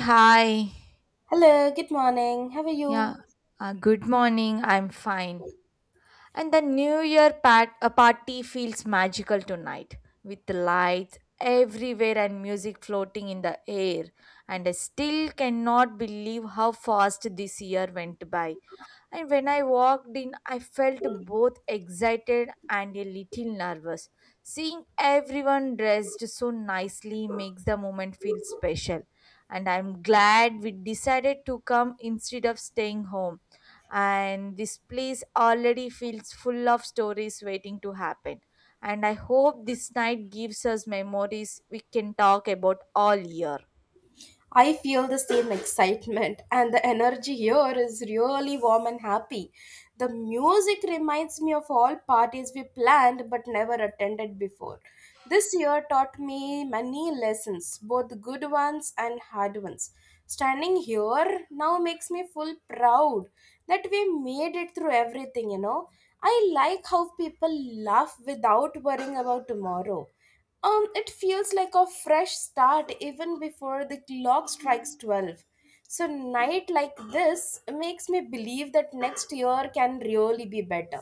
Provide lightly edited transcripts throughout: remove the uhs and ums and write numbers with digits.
Hi. Hello, good morning. How are Yeah. you? Good morning. I'm fine. And the New Year a party feels magical tonight with lights everywhere and music floating in the air. And I still cannot believe how fast this year went by. And when I walked in, I felt both excited and a little nervous. Seeing everyone dressed so nicely makes the moment feel special. And I'm glad we decided to come instead of staying home, and this place already feels full of stories waiting to happen, and I hope this night gives us memories we can talk about all year. I feel the same excitement, and the energy here is really warm and happy. The music reminds me of all parties we planned but never attended before. This year taught me many lessons, both good ones and hard ones. Standing here now makes me full proud that we made it through everything, you know. I like how people laugh without worrying about tomorrow. It feels like a fresh start even before the clock strikes 12. So, night like this makes me believe that next year can really be better.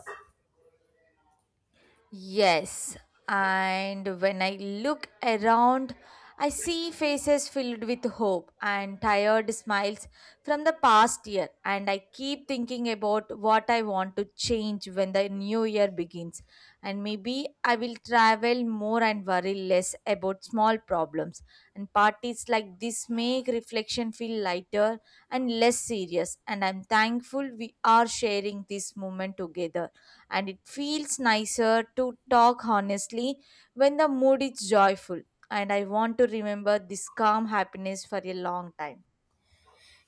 Yes, and when I look around, I see faces filled with hope and tired smiles from the past year, and I keep thinking about what I want to change when the new year begins. And maybe I will travel more and worry less about small problems. And parties like this make reflection feel lighter and less serious, and I'm thankful we are sharing this moment together, and it feels nicer to talk honestly when the mood is joyful. And I want to remember this calm happiness for a long time.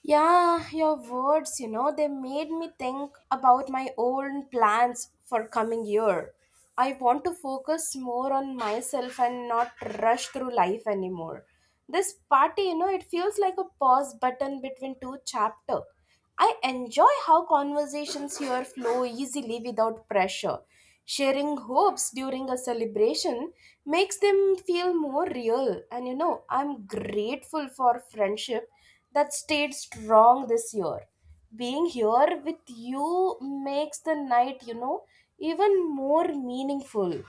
Yeah, your words, they made me think about my own plans for coming year. I want to focus more on myself and not rush through life anymore. This party, it feels like a pause button between two chapter. I enjoy how conversations here flow easily without pressure. Sharing hopes during a celebration makes them feel more real. I'm grateful for friendship that stayed strong this year. Being here with you makes the night, even more meaningful.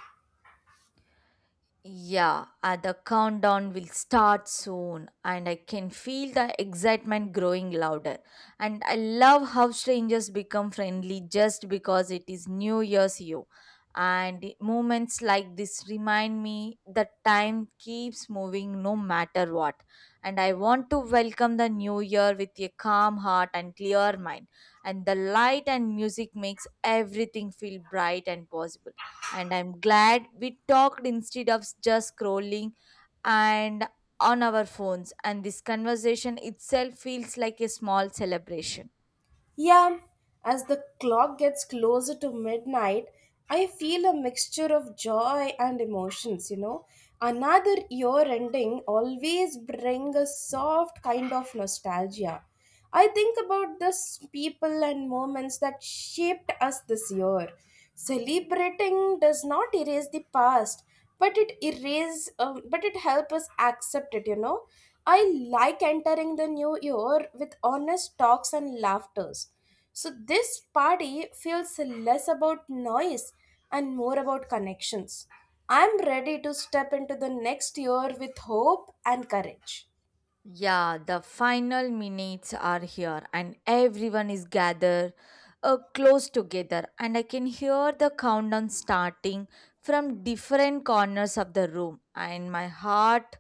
Yeah, the countdown will start soon, and I can feel the excitement growing louder. And I love how strangers become friendly just because it is New Year's Eve. And moments like this remind me that time keeps moving no matter what. And I want to welcome the new year with a calm heart and clear mind. And the light and music makes everything feel bright and possible, and I'm glad we talked instead of just scrolling and on our phones, and this conversation itself feels like a small celebration. Yeah, as the clock gets closer to midnight, I feel a mixture of joy and emotions. Another year ending always bring a soft kind of nostalgia. I think about the people and moments that shaped us this year. Celebrating does not erase the past, but it helps us accept it. I like entering the new year with honest talks and laughters. So this party feels less about noise and more about connections. I'm ready to step into the next year with hope and courage. Yeah, the final minutes are here, and everyone is gathered close together. And I can hear the countdown starting from different corners of the room, and my heart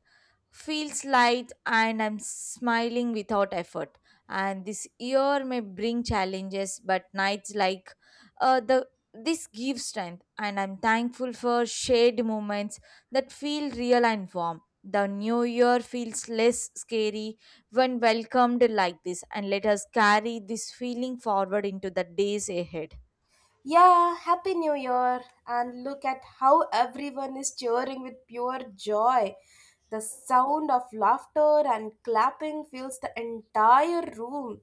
feels light, and I'm smiling without effort. And this year may bring challenges, but nights like the this gives strength, and I'm thankful for shared moments that feel real and warm. The new year feels less scary when welcomed like this, and let us carry this feeling forward into the days ahead. Yeah, Happy New Year! And look at how everyone is cheering with pure joy. The sound of laughter and clapping fills the entire room.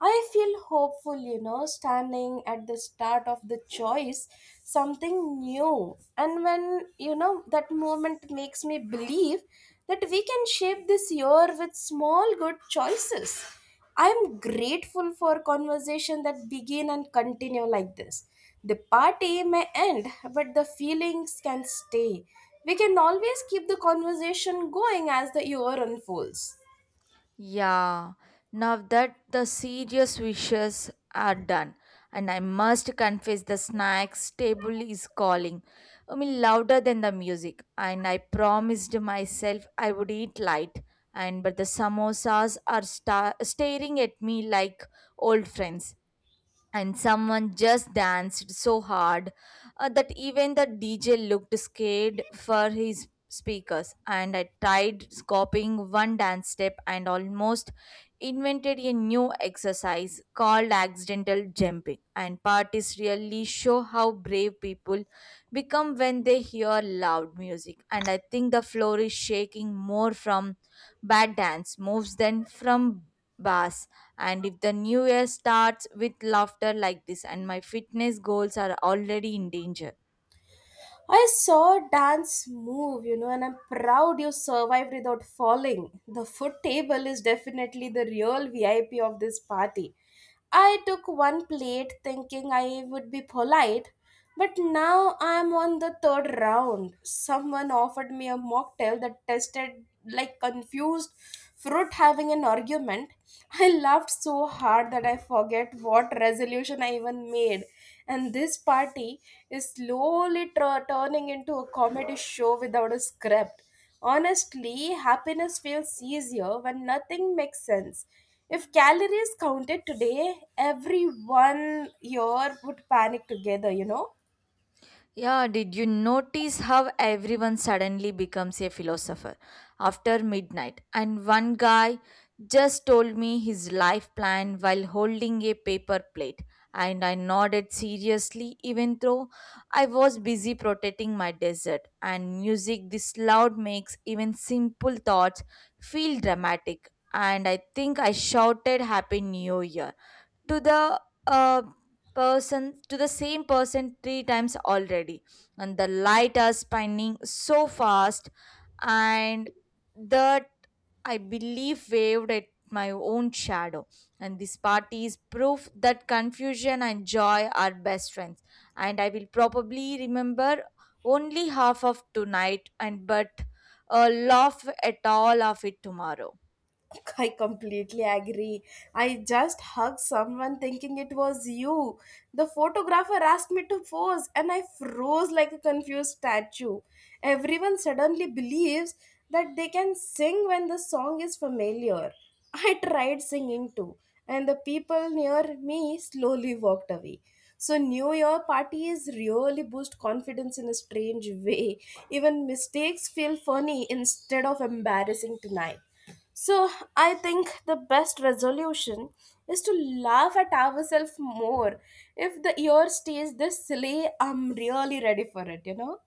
I feel hopeful, standing at the start of the choice, something new. And when, that moment makes me believe that we can shape this year with small good choices. I'm grateful for conversation that begin and continue like this. The party may end, but the feelings can stay. We can always keep the conversation going as the year unfolds. Yeah, now that the serious wishes are done, and I must confess the snacks table is calling. I mean, louder than the music, and I promised myself I would eat light. And but the samosas are staring at me like old friends, and someone just danced so hard that even the DJ looked scared for his speakers. And I tried copying one dance step and almost invented a new exercise called accidental jumping. And parties really show how brave people become when they hear loud music. And I think the floor is shaking more from bad dance moves than from bass, and if the new year starts with laughter like this, and my fitness goals are already in danger. I saw a dance move, and I'm proud you survived without falling. The foot table is definitely the real VIP of this party. I took one plate thinking I would be polite, but now I'm on the third round. Someone offered me a mocktail that tasted like confused fruit having an argument. I laughed so hard that I forget what resolution I even made, and this party is slowly turning into a comedy show without a script. Honestly, happiness feels easier when nothing makes sense. If calories counted today, everyone here would panic together? Yeah, did you notice how everyone suddenly becomes a philosopher after midnight? And one guy just told me his life plan while holding a paper plate, and I nodded seriously, even though I was busy protecting my desert. And music this loud makes even simple thoughts feel dramatic. And I think I shouted Happy New Year to the uh, same person 3 times already, and the light are spinning so fast, and that I believe waved at my own shadow, and this party is proof that confusion and joy are best friends, and I will probably remember only half of tonight, and but laugh at all of it tomorrow. I completely agree. I just hugged someone thinking it was you. The photographer asked me to pose and I froze like a confused statue. Everyone suddenly believes that they can sing when the song is familiar. I tried singing too, and the people near me slowly walked away. So, New Year parties really boost confidence in a strange way. Even mistakes feel funny instead of embarrassing tonight. So I think the best resolution is to laugh at ourselves more. If the year stays this silly, I'm really ready for it?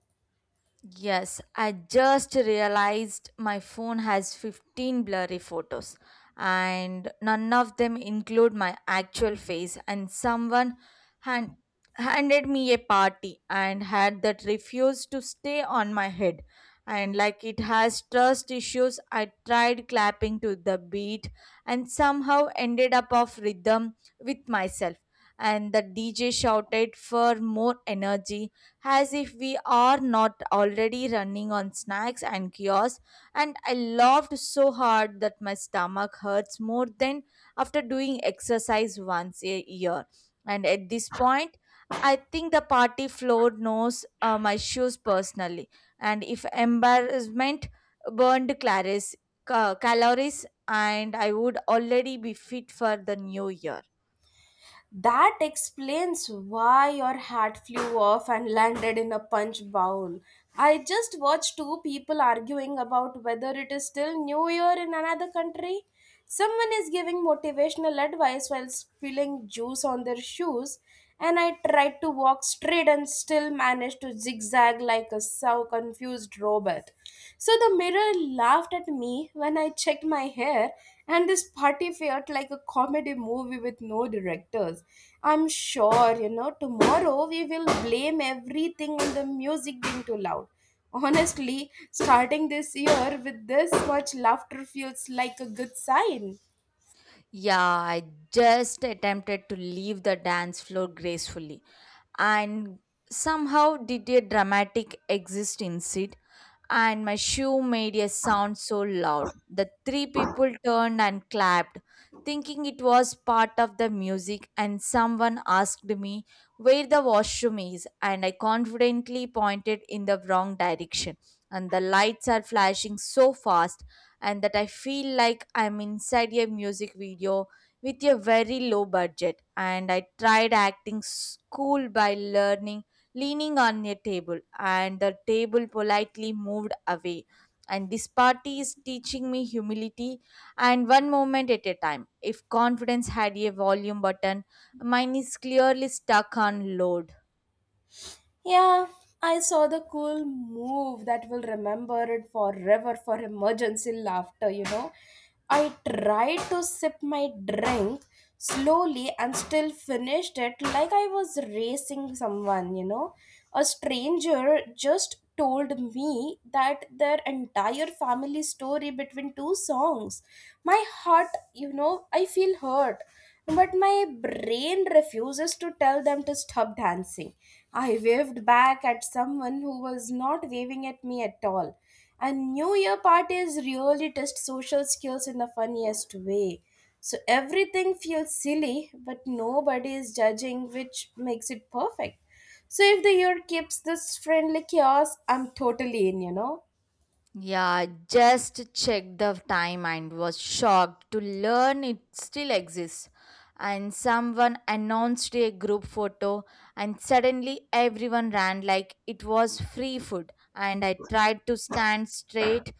Yes, I just realized my phone has 15 blurry photos and none of them include my actual face, and someone hand, handed me a party and had that refused to stay on my head, and like it has trust issues. I tried clapping to the beat and somehow ended up off rhythm with myself, and the DJ shouted for more energy as if we are not already running on snacks and kiosks, and I laughed so hard that my stomach hurts more than after doing exercise once a year, and at this point I think the party floor knows my shoes personally, and if embarrassment burned calories, and I would already be fit for the new year. That explains why your hat flew off and landed in a punch bowl. I just watched two people arguing about whether it is still New Year in another country. Someone is giving motivational advice while spilling juice on their shoes, and I tried to walk straight and still managed to zigzag like a so confused robot. So the mirror laughed at me when I checked my hair, and this party felt like a comedy movie with no directors. I'm sure, tomorrow we will blame everything on the music being too loud. Honestly, starting this year with this much laughter feels like a good sign. Yeah, I just attempted to leave the dance floor gracefully and somehow did a dramatic exist inside, and my shoe made a sound so loud that three people turned and clapped thinking it was part of the music, and someone asked me where the washroom is and I confidently pointed in the wrong direction, and the lights are flashing so fast, and that I feel like I'm inside a music video with a very low budget. And I tried acting school by learning leaning on a table, and the table politely moved away, and this party is teaching me humility and one moment at a time. If confidence had a volume button, mine is clearly stuck on load. Yeah, I saw the cool move that will remember it forever for emergency laughter. I tried to sip my drink slowly and still finished it like I was racing someone. A stranger just told me that their entire family story between two songs. My heart, I feel hurt. But my brain refuses to tell them to stop dancing. I waved back at someone who was not waving at me at all. And New Year parties really test social skills in the funniest way. So everything feels silly, but nobody is judging, which makes it perfect. So if the year keeps this friendly chaos, I'm totally in. Yeah, I just checked the time and was shocked to learn it still exists. And someone announced a group photo, and suddenly everyone ran like it was free food. And I tried to stand straight,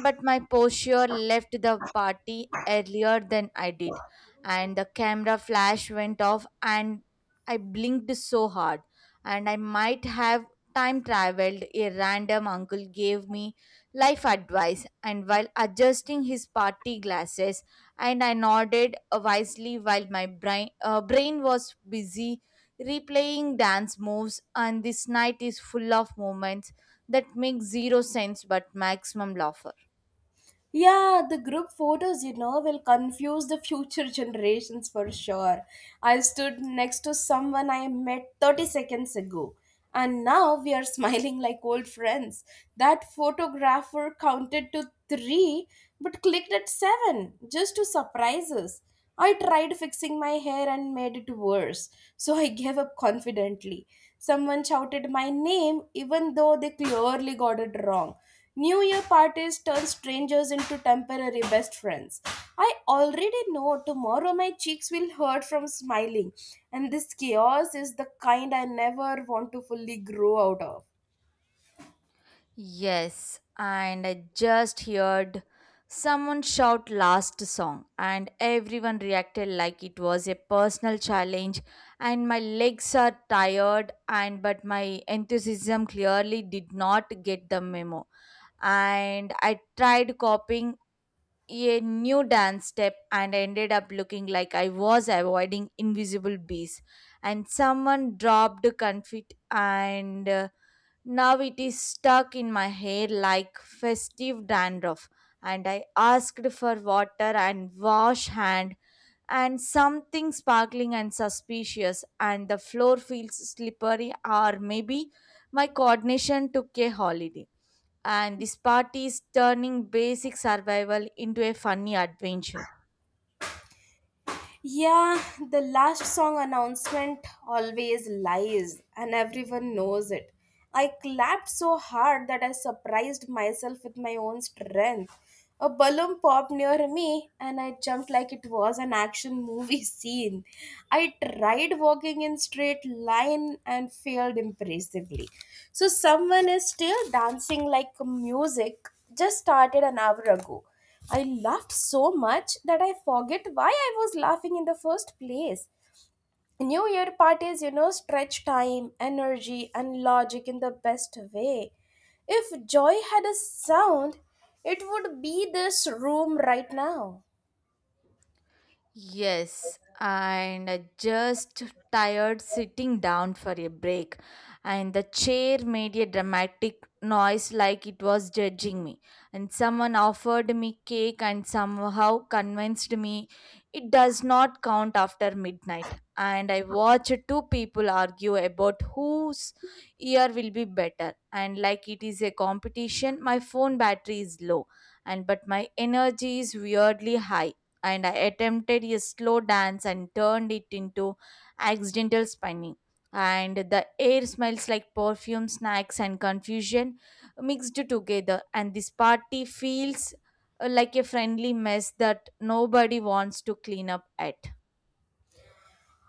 but my posture left the party earlier than I did. And the camera flash went off, and I blinked so hard. And I might have time traveled. A random uncle gave me life advice, and while adjusting his party glasses, and I nodded wisely while my brain was busy replaying dance moves, and this night is full of moments that make zero sense but maximum laughter. Yeah, the group photos, will confuse the future generations for sure. I stood next to someone I met 30 seconds ago, and now we are smiling like old friends. That photographer counted to three but clicked at seven just to surprise us. I tried fixing my hair and made it worse, so I gave up confidently. Someone shouted my name even though they clearly got it wrong. New Year parties turn strangers into temporary best friends. I already know tomorrow my cheeks will hurt from smiling, and this chaos is the kind I never want to fully grow out of. Yes, and I just heard someone shout last song, and everyone reacted like it was a personal challenge. And my legs are tired, and but my enthusiasm clearly did not get the memo. And I tried copying a new dance step and ended up looking like I was avoiding invisible bees. And someone dropped confit, and now it is stuck in my hair like festive dandruff. And I asked for water and wash hand, and something sparkling and suspicious, and the floor feels slippery, or maybe my coordination took a holiday. And this party is turning basic survival into a funny adventure. Yeah, the last song announcement always lies, and everyone knows it. I clapped so hard that I surprised myself with my own strength. A balloon popped near me, and I jumped like it was an action movie scene. I tried walking in straight line and failed impressively. So someone is still dancing like music just started an hour ago. I laughed so much that I forget why I was laughing in the first place. New Year parties, stretch time, energy, and logic in the best way. If joy had a sound, it would be this room right now. Yes, and I just tired sitting down for a break, and the chair made a dramatic noise like it was judging me. And someone offered me cake and somehow convinced me it does not count after midnight. And I watched two people argue about whose ear will be better. And like it is a competition, my phone battery is low, and but my energy is weirdly high, and I attempted a slow dance and turned it into accidental spinning. And the air smells like perfume, snacks, and confusion mixed together. And this party feels like a friendly mess that nobody wants to clean up at.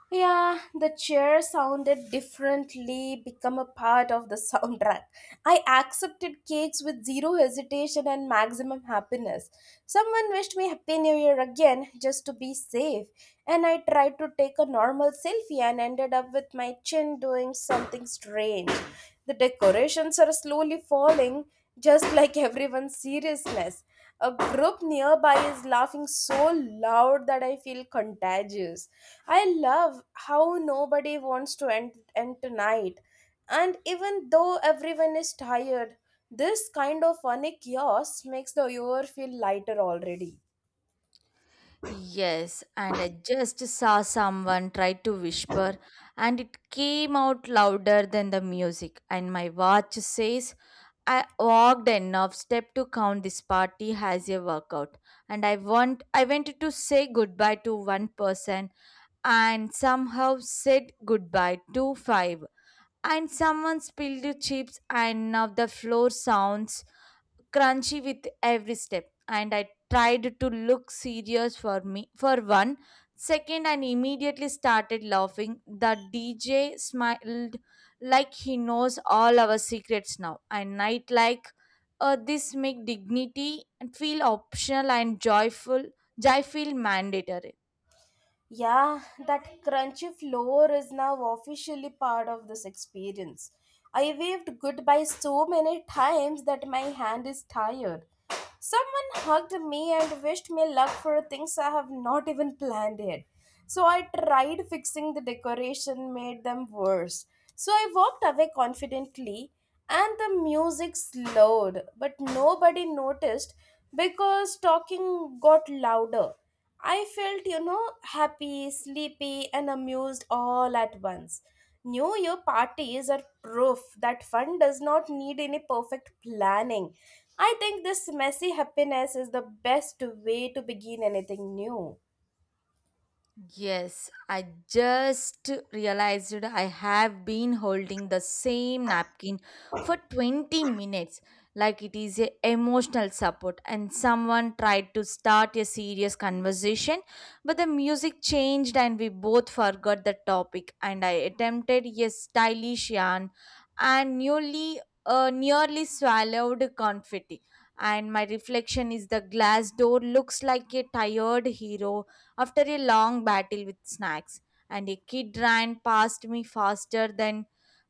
Yeah, the chair sounded differently, become a part of the soundtrack. I accepted cakes with zero hesitation and maximum happiness. Someone wished me Happy New Year again just to be safe, and I tried to take a normal selfie and ended up with my chin doing something strange. The decorations are slowly falling, just like everyone's seriousness. A group nearby is laughing so loud that I feel contagious. I love how nobody wants to end tonight. And even though everyone is tired, this kind of funny chaos makes the hour feel lighter already. Yes, and I just saw someone try to whisper, and it came out louder than the music. And my watch says I walked enough step to count this party as a workout, and I wanted to say goodbye to one person, and somehow said goodbye to five. And someone spilled the chips, and now the floor sounds crunchy with every step, and I tried to look serious for me for 1 second and immediately started laughing. The DJ smiled like he knows all our secrets now, and night like this make dignity and feel optional, and joyful joy feel mandatory. Yeah, that crunchy floor is now officially part of this experience. I waved goodbye so many times that my hand is tired. Someone hugged me and wished me luck for things I have not even planned yet. So I tried fixing the decoration, made them worse. So I walked away confidently, and the music slowed, but nobody noticed because talking got louder. I felt, happy, sleepy, and amused all at once. New Year parties are proof that fun does not need any perfect planning. I think this messy happiness is the best way to begin anything new. Yes, I just realized I have been holding the same napkin for 20 minutes like it is a emotional support, and someone tried to start a serious conversation, but the music changed and we both forgot the topic, and I attempted a stylish yarn and nearly swallowed confetti, and my reflection is the glass door looks like a tired hero after a long battle with snacks, and a kid ran past me faster than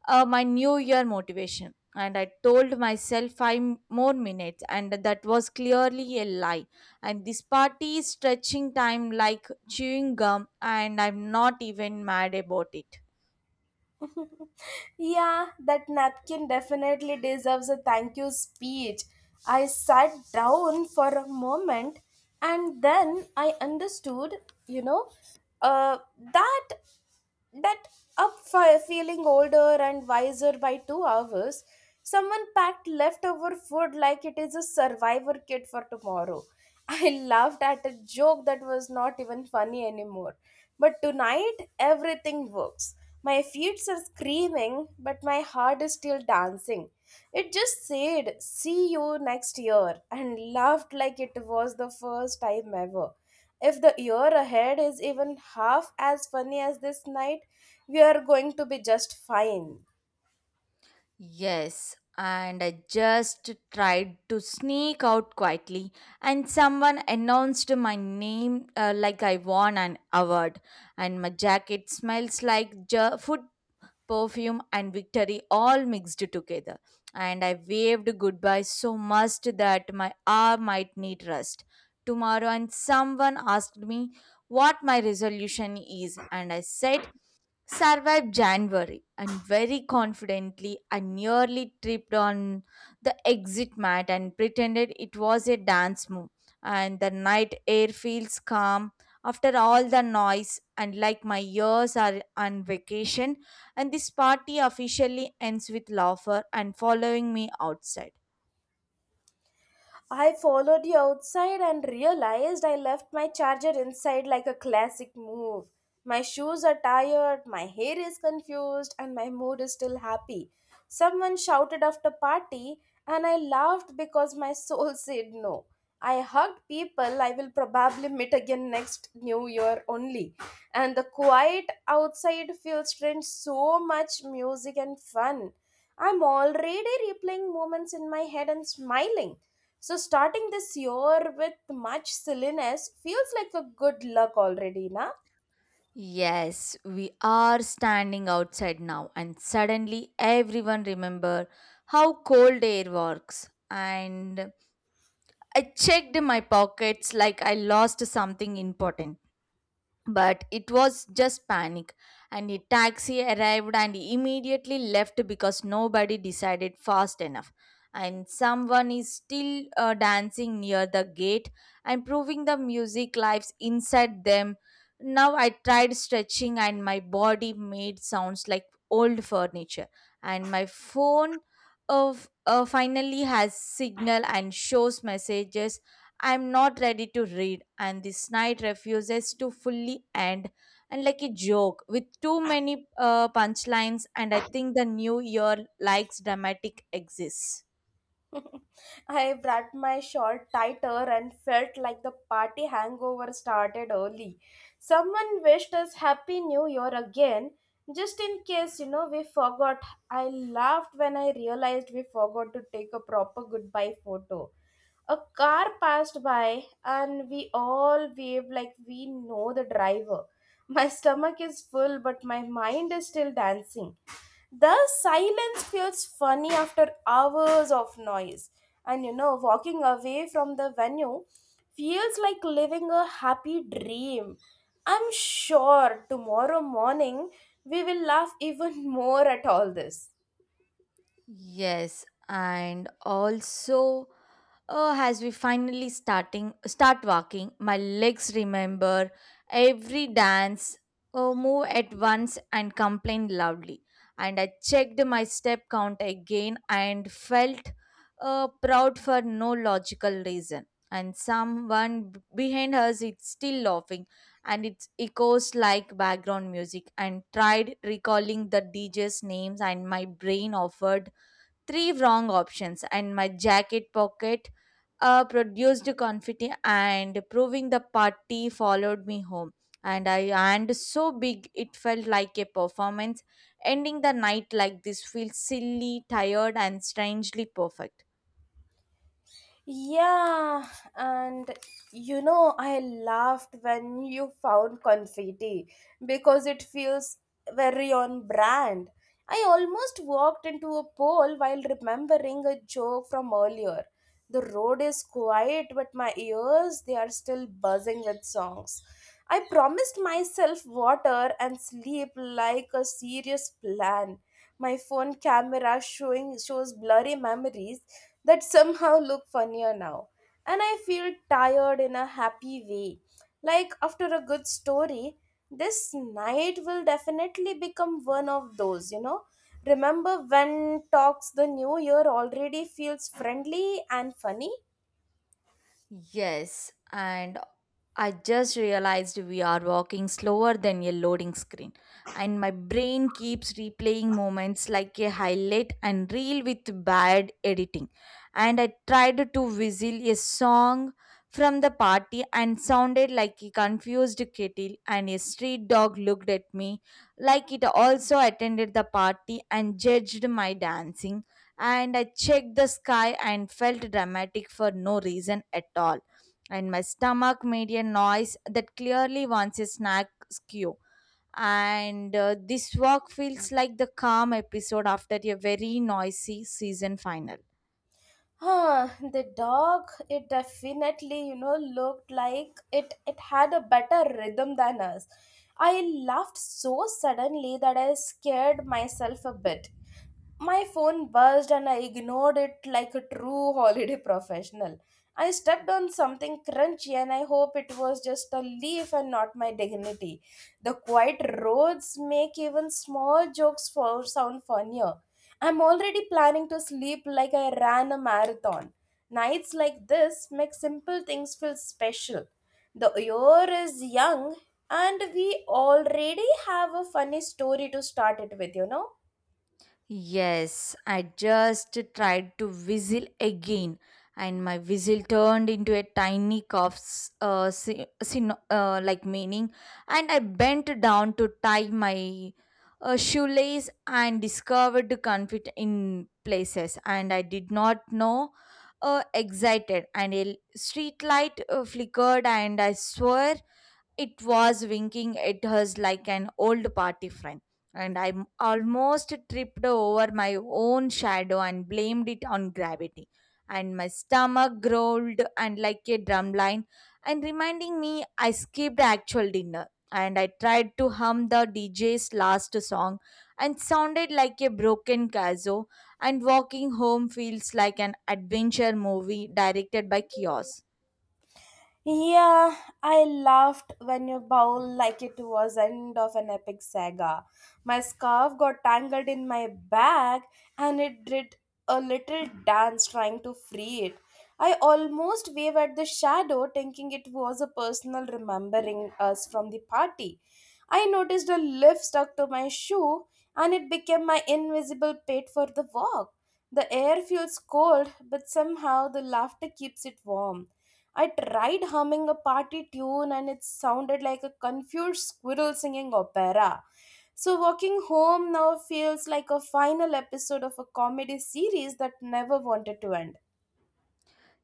my New Year motivation. And I told myself 5 more minutes, and that was clearly a lie. And this party is stretching time like chewing gum, and I'm not even mad about it. Yeah, that napkin definitely deserves a thank you speech. I sat down for a moment, and then I understood, you know, uh, that that feeling older and wiser by 2 hours. Someone packed leftover food like it is a survivor kit for tomorrow. I laughed at a joke that was not even funny anymore, but tonight everything works. My feet are screaming, but my heart is still dancing. It just said see you next year and laughed like it was the first time ever. If the year ahead is even half as funny as this night, we are going to be just fine. Yes, and I just tried to sneak out quietly, and someone announced my name like I won an award, and my jacket smells like food, perfume, and victory all mixed together. And I waved goodbye so much that my arm might need rest tomorrow, and someone asked me what my resolution is, and I said survived January, and very confidently I nearly tripped on the exit mat and pretended it was a dance move. And the night air feels calm after all the noise, and like my years are on vacation. And this party officially ends with laughter and following me outside. I followed you outside and realized I left my charger inside like a classic move. My shoes are tired, my hair is confused, and my mood is still happy. Someone shouted after party, and I laughed because my soul said no. I hugged people I will probably meet again next New Year only. And the quiet outside feels strange, so much music and fun. I'm already replaying moments in my head and smiling. So starting this year with much silliness feels like a good luck already, na? Yes, we are standing outside now, and suddenly everyone remember how cold air works, and I checked my pockets like I lost something important, but it was just panic. And a taxi arrived and immediately left because nobody decided fast enough. And someone is still dancing near the gate and proving the music lives inside them. Now I tried stretching and my body made sounds like old furniture, and my phone of finally has signal and shows messages I'm not ready to read, and this night refuses to fully end. And like a joke with too many punchlines, and I think the new year likes dramatic exits. I wrapped my shawl tighter and felt like the party hangover started early. Someone wished us Happy New Year again, just in case, we forgot. I laughed when I realized we forgot to take a proper goodbye photo. A car passed by, and we all waved like we know the driver. My stomach is full, but my mind is still dancing. The silence feels funny after hours of noise. Walking away from the venue feels like living a happy dream. I'm sure tomorrow morning we will laugh even more at all this. Yes, and also, oh, as we finally start walking, my legs remember every dance, oh, move at once and complain loudly. And I checked my step count again and felt proud for no logical reason. And someone behind us is still laughing, and it echoes like background music. And tried recalling the DJ's names, and my brain offered three wrong options, and my jacket pocket produced confetti and proving the party followed me home. And i and so big, it felt like a performance, ending the night like this feels silly, tired, and strangely perfect. Yeah, and I laughed when you found confetti because it feels very on brand. I almost walked into a pole while remembering a joke from earlier. The road is quiet, but my ears, they are still buzzing with songs. I promised myself water and sleep like a serious plan. My phone camera showing shows blurry memories that somehow look funnier now. And I feel tired in a happy way. Like after a good story, this night will definitely become one of those. Remember when talks the new year already feels friendly and funny? Yes, and I just realized we are walking slower than a loading screen, and my brain keeps replaying moments like a highlight and reel with bad editing. And I tried to whistle a song from the party and sounded like a confused kettle, and a street dog looked at me like it also attended the party and judged my dancing. And I checked the sky and felt dramatic for no reason at all, and my stomach made a noise that clearly wants a snack skew. And this walk feels like the calm episode after a very noisy season final. Huh, the dog, it definitely looked like it had a better rhythm than us. I laughed so suddenly that I scared myself a bit. My phone buzzed and I ignored it like a true holiday professional. I stepped on something crunchy and I hope it was just a leaf and not my dignity. The quiet roads make even small jokes for sound funnier. I'm already planning to sleep like I ran a marathon. Nights like this make simple things feel special. The year is young and we already have a funny story to start it with? Yes, I just tried to whistle again, and my whistle turned into a tiny cough's like meaning, and I bent down to tie my shoelace and discovered the conflict in places, and I did not know. Excited, and a street light flickered, and I swore it was winking at us like an old party friend, and I almost tripped over my own shadow and blamed it on gravity. And my stomach growled and like a drumline, and reminding me I skipped actual dinner. And I tried to hum the DJ's last song and sounded like a broken kazoo, and walking home feels like an adventure movie directed by Kios. Yeah, I laughed when you bowled like it was end of an epic saga. My scarf got tangled in my bag and it did a little dance trying to free it. I almost waved at the shadow thinking it was a personal remembering us from the party. I noticed a leaf stuck to my shoe and it became my invisible pet for the walk. The air feels cold, but somehow the laughter keeps it warm. I tried humming a party tune and it sounded like a confused squirrel singing opera. So, walking home now feels like a final episode of a comedy series that never wanted to end.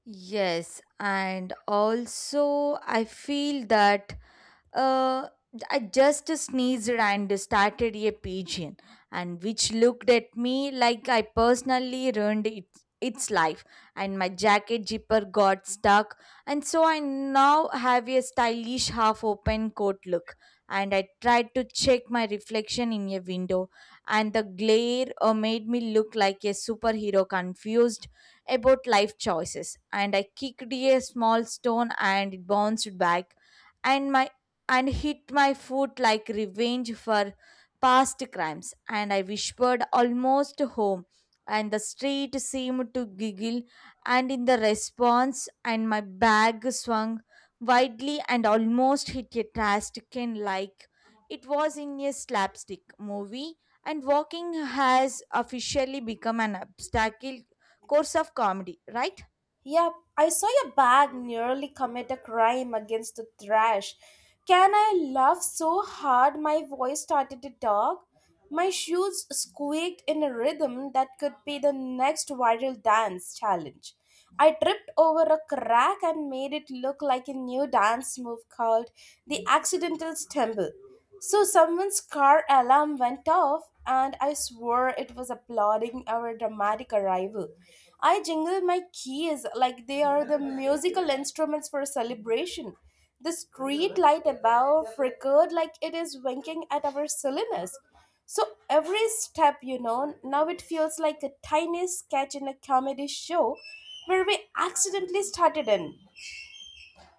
Yes, and also I feel that uh, I just sneezed and started a pigeon, and which looked at me like I personally ruined its life. And my jacket zipper got stuck, and so I now have a stylish half-open coat look. And I tried to check my reflection in a window, and the glare made me look like a superhero confused about life choices, and I kicked a small stone and it bounced back and my and hit my foot like revenge for past crimes, and I whispered almost home, and the street seemed to giggle and in the response, and my bag swung widely and almost hit a trash can like it was in a slapstick movie, and walking has officially become an obstacle course of comedy, right? Yep, I saw your bag nearly commit a crime against the trash. Can I laugh so hard my voice started to talk? My shoes squeaked in a rhythm that could be the next viral dance challenge. I tripped over a crack and made it look like a new dance move called the accidental stumble. So someone's car alarm went off, and I swore it was applauding our dramatic arrival. I jingled my keys like they are the musical instruments for a celebration. The street light above flickered like it is winking at our silliness. So every step now it feels like a tiny sketch in a comedy show where we accidentally started in.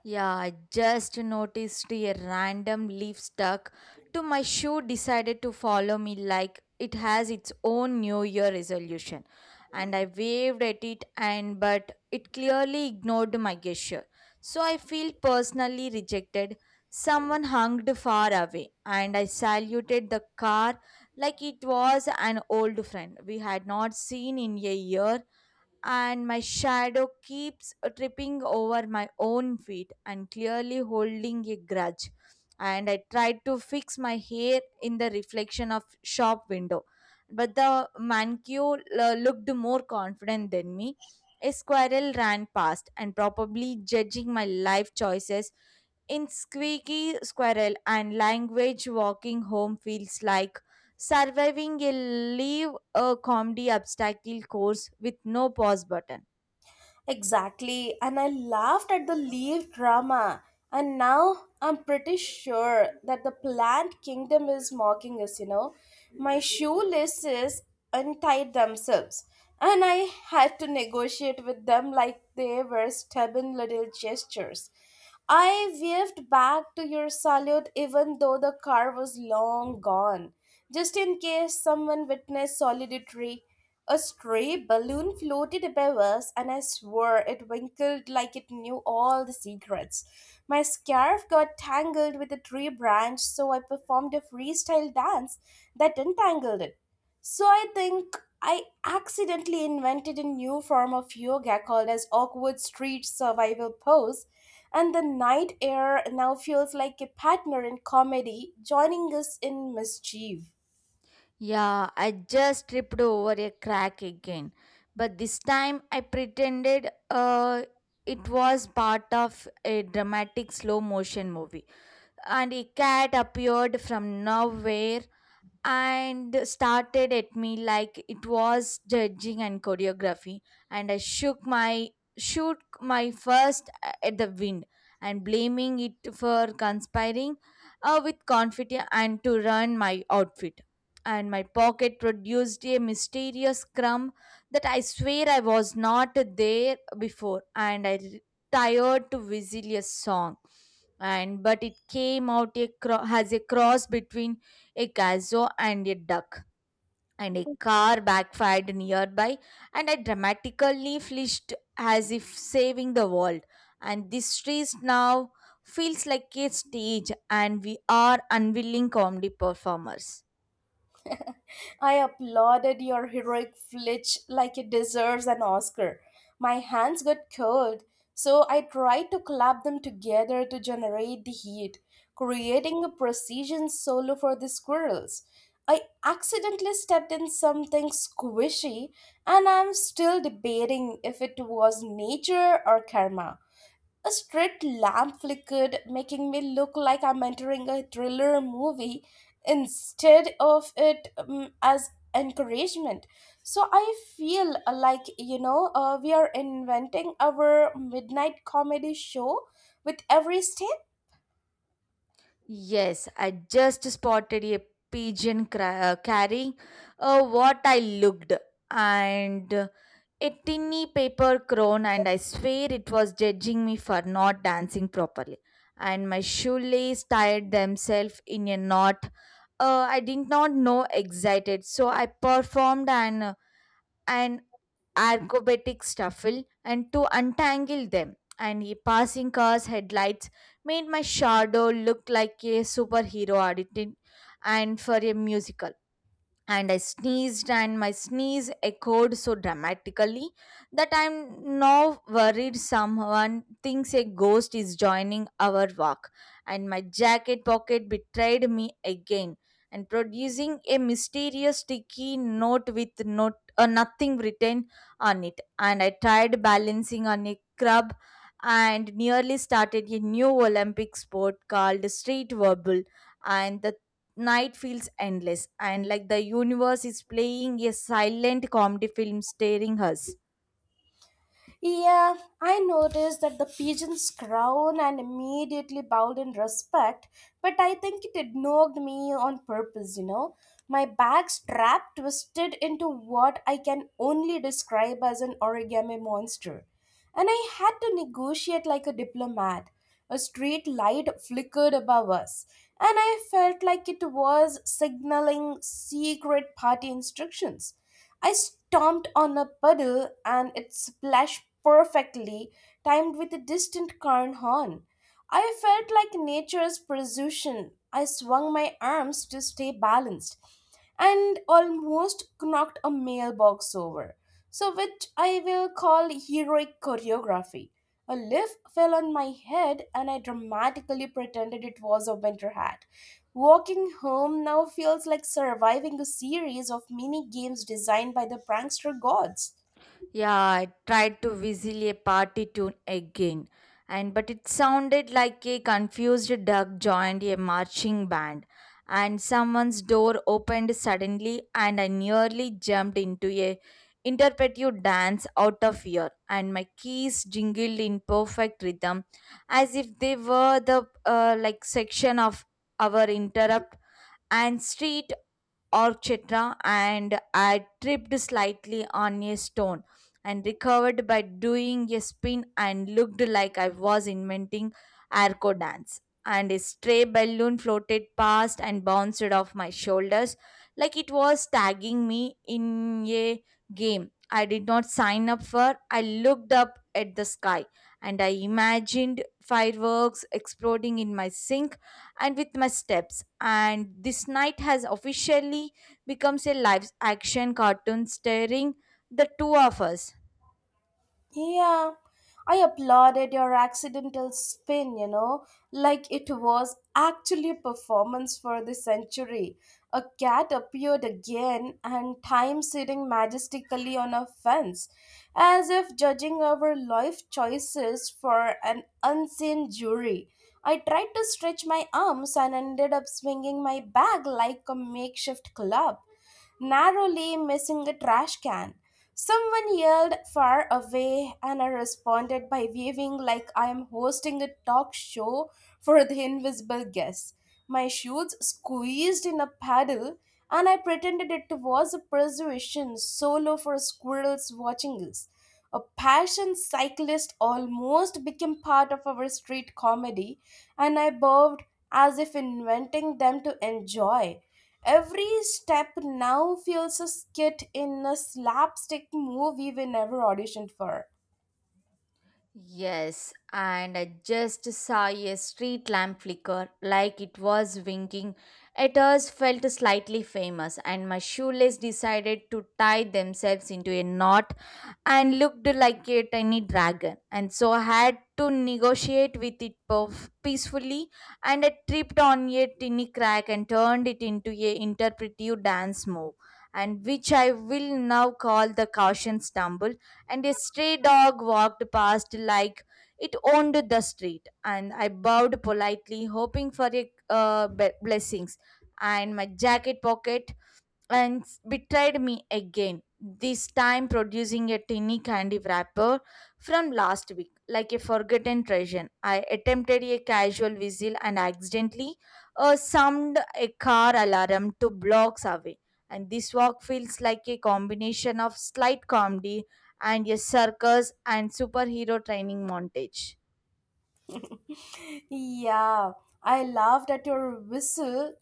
Yeah, I just noticed a random leaf stuck to my shoe decided to follow me like it has its own new year resolution, and I waved at it and but it clearly ignored my gesture. So I feel personally rejected. Someone hung far away and I saluted the car like it was an old friend we had not seen in a year, and my shadow keeps tripping over my own feet and clearly holding a grudge, and I tried to fix my hair in the reflection of shop window, but the manicure looked more confident than me. A squirrel ran past and probably judging my life choices in Squeaky Squirrel and Language, walking home feels like surviving a comedy obstacle course with no pause button. Exactly, and I laughed at the leaf drama. And now I'm pretty sure that the plant kingdom is mocking us. My shoelaces untied themselves, and I had to negotiate with them like they were stubborn little gestures. I waved back to your salute even though the car was long gone, just in case someone witnessed solitary. A stray balloon floated above us, and I swore it winkled like it knew all the secrets. My scarf got tangled with a tree branch, so I performed a freestyle dance that entangled it. So I think I accidentally invented a new form of yoga called as awkward street survival pose, and the night air now feels like a partner in comedy, joining us in mischief. Yeah, I just tripped over a crack again. But this time I pretended it was part of a dramatic slow motion movie. And a cat appeared from nowhere and started at me like it was judging and choreography, and I shook my first at the wind and blaming it for conspiring with confidence and to ruin my outfit, and my pocket produced a mysterious crumb that I swear I was not there before, and I tired to whistle a song and but it came out as a cross between a gazoo and a duck, and a car backfired nearby, and I dramatically flinched as if saving the world. And this street now feels like a stage, and we are unwilling comedy performers. I applauded your heroic flinch like it deserves an Oscar. My hands got cold, so I tried to clap them together to generate the heat, creating a precision solo for the squirrels. I accidentally stepped in something squishy, and I'm still debating if it was nature or karma. A street lamp flickered, making me look like I'm entering a thriller movie instead of it as encouragement. So I feel like we are inventing our midnight comedy show with every step. Yes, I just spotted a pigeon carrying what I looked and a tinny paper crown, and I swear it was judging me for not dancing properly. And my shoelace tied themselves in a knot. I did not know excited, so I performed and acrobatic shuffle and to untangle them. And a passing car's headlights made my shadow look like a superhero auditing and for a musical, and I sneezed, and my sneeze echoed so dramatically that I'm now worried someone thinks a ghost is joining our walk. And my jacket pocket betrayed me again and producing a mysterious sticky note with not, nothing written on it. And I tried balancing on a crab and nearly started a new Olympic sport called street verbal, and the night feels endless and like the universe is playing a silent comedy film staring us. Yeah, I noticed that the pigeons crowned and immediately bowed in respect, but I think it ignored me on purpose. My back strap twisted into what I can only describe as an origami monster and I had to negotiate like a diplomat. A street light flickered above us, and I felt like it was signaling secret party instructions. I stomped on a puddle and it splashed perfectly, timed with a distant car horn. I felt like nature's precision. I swung my arms to stay balanced and almost knocked a mailbox over so which I will call heroic choreography. A leaf fell on my head, and I dramatically pretended it was a winter hat. Walking home now feels like surviving a series of mini games designed by the prankster gods. Yeah, I tried to whistle a party tune again, and but it sounded like a confused duck joined a marching band, and someone's door opened suddenly, and I nearly jumped into a interpretive dance out of fear, and my keys jingled in perfect rhythm, as if they were the like section of our interrupt and street orchestra, and I tripped slightly on a stone and recovered by doing a spin and looked like I was inventing arco dance. And a stray balloon floated past and bounced off my shoulders like it was tagging me in a game I did not sign up for. I looked up at the sky and I imagined fireworks exploding in my sink and with my steps. And this night has officially becomes a live action cartoon starring the two of us. Yeah, I applauded your accidental spin, like it was actually a performance for the century. A cat appeared again and time sitting majestically on a fence, as if judging our life choices for an unseen jury. I tried to stretch my arms and ended up swinging my bag like a makeshift club narrowly missing a trash can. Someone yelled far away, and I responded by waving like I am hosting a talk show for the invisible guests. My shoes squeezed in a paddle, and I pretended it was a persuasion solo for squirrels watching us. A passion cyclist almost became part of our street comedy, and I bowed as if inventing them to enjoy. Every step now feels a skit in a slapstick movie we never auditioned for. Yes, and I just saw a street lamp flicker like it was winking at us, felt slightly famous, and my shoelace decided to tie themselves into a knot and looked like a tiny dragon. And so I had to negotiate with it peacefully, and I tripped on a tiny crack and turned it into a interpretive dance move, and which I will now call the caution stumble, and a stray dog walked past like it owned the street. And I bowed politely, hoping for a blessings. And my jacket pocket betrayed me again, this time producing a tiny candy wrapper from last week, like a forgotten treasure. I attempted a casual whistle and accidentally summed a car alarm 2 blocks away. And this walk feels like a combination of slight comedy and a circus and superhero training montage. yeah, I laughed at your whistle,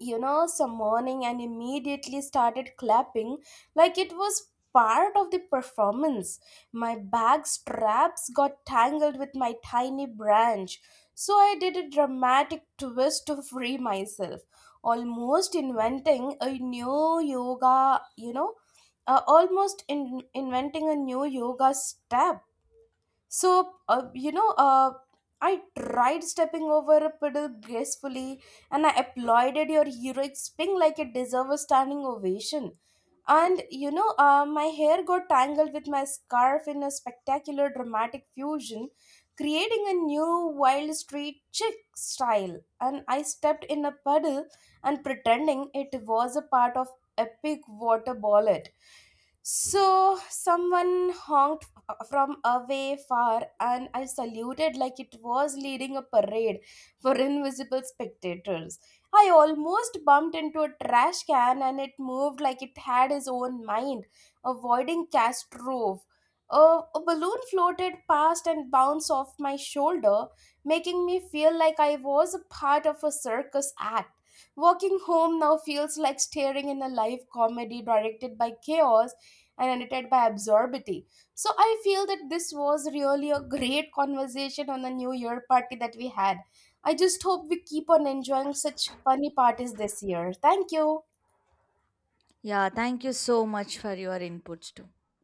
you know, some morning and immediately started clapping like it was part of the performance. My bag straps got tangled with my tiny branch, so I did a dramatic twist to free myself, almost inventing a new yoga, inventing a new yoga step. So I tried stepping over a puddle gracefully and I applauded your heroic spring like it deserved a standing ovation. And my hair got tangled with my scarf in a spectacular dramatic fusion, creating a new wild street chic style. And I stepped in a puddle and pretending it was a part of epic water ballet. So someone honked from away far, and I saluted like it was leading a parade for invisible spectators. I almost bumped into a trash can and it moved like it had its own mind, avoiding Castrove. A, a balloon floated past and bounced off my shoulder, making me feel like I was a part of a circus act. Walking home now feels like staring in a live comedy directed by chaos and edited by absurdity. So I feel that this was really a great conversation on the New Year party that we had. I just hope we keep on enjoying such funny parties this year. Thank you. Yeah, thank you so much for your inputs too.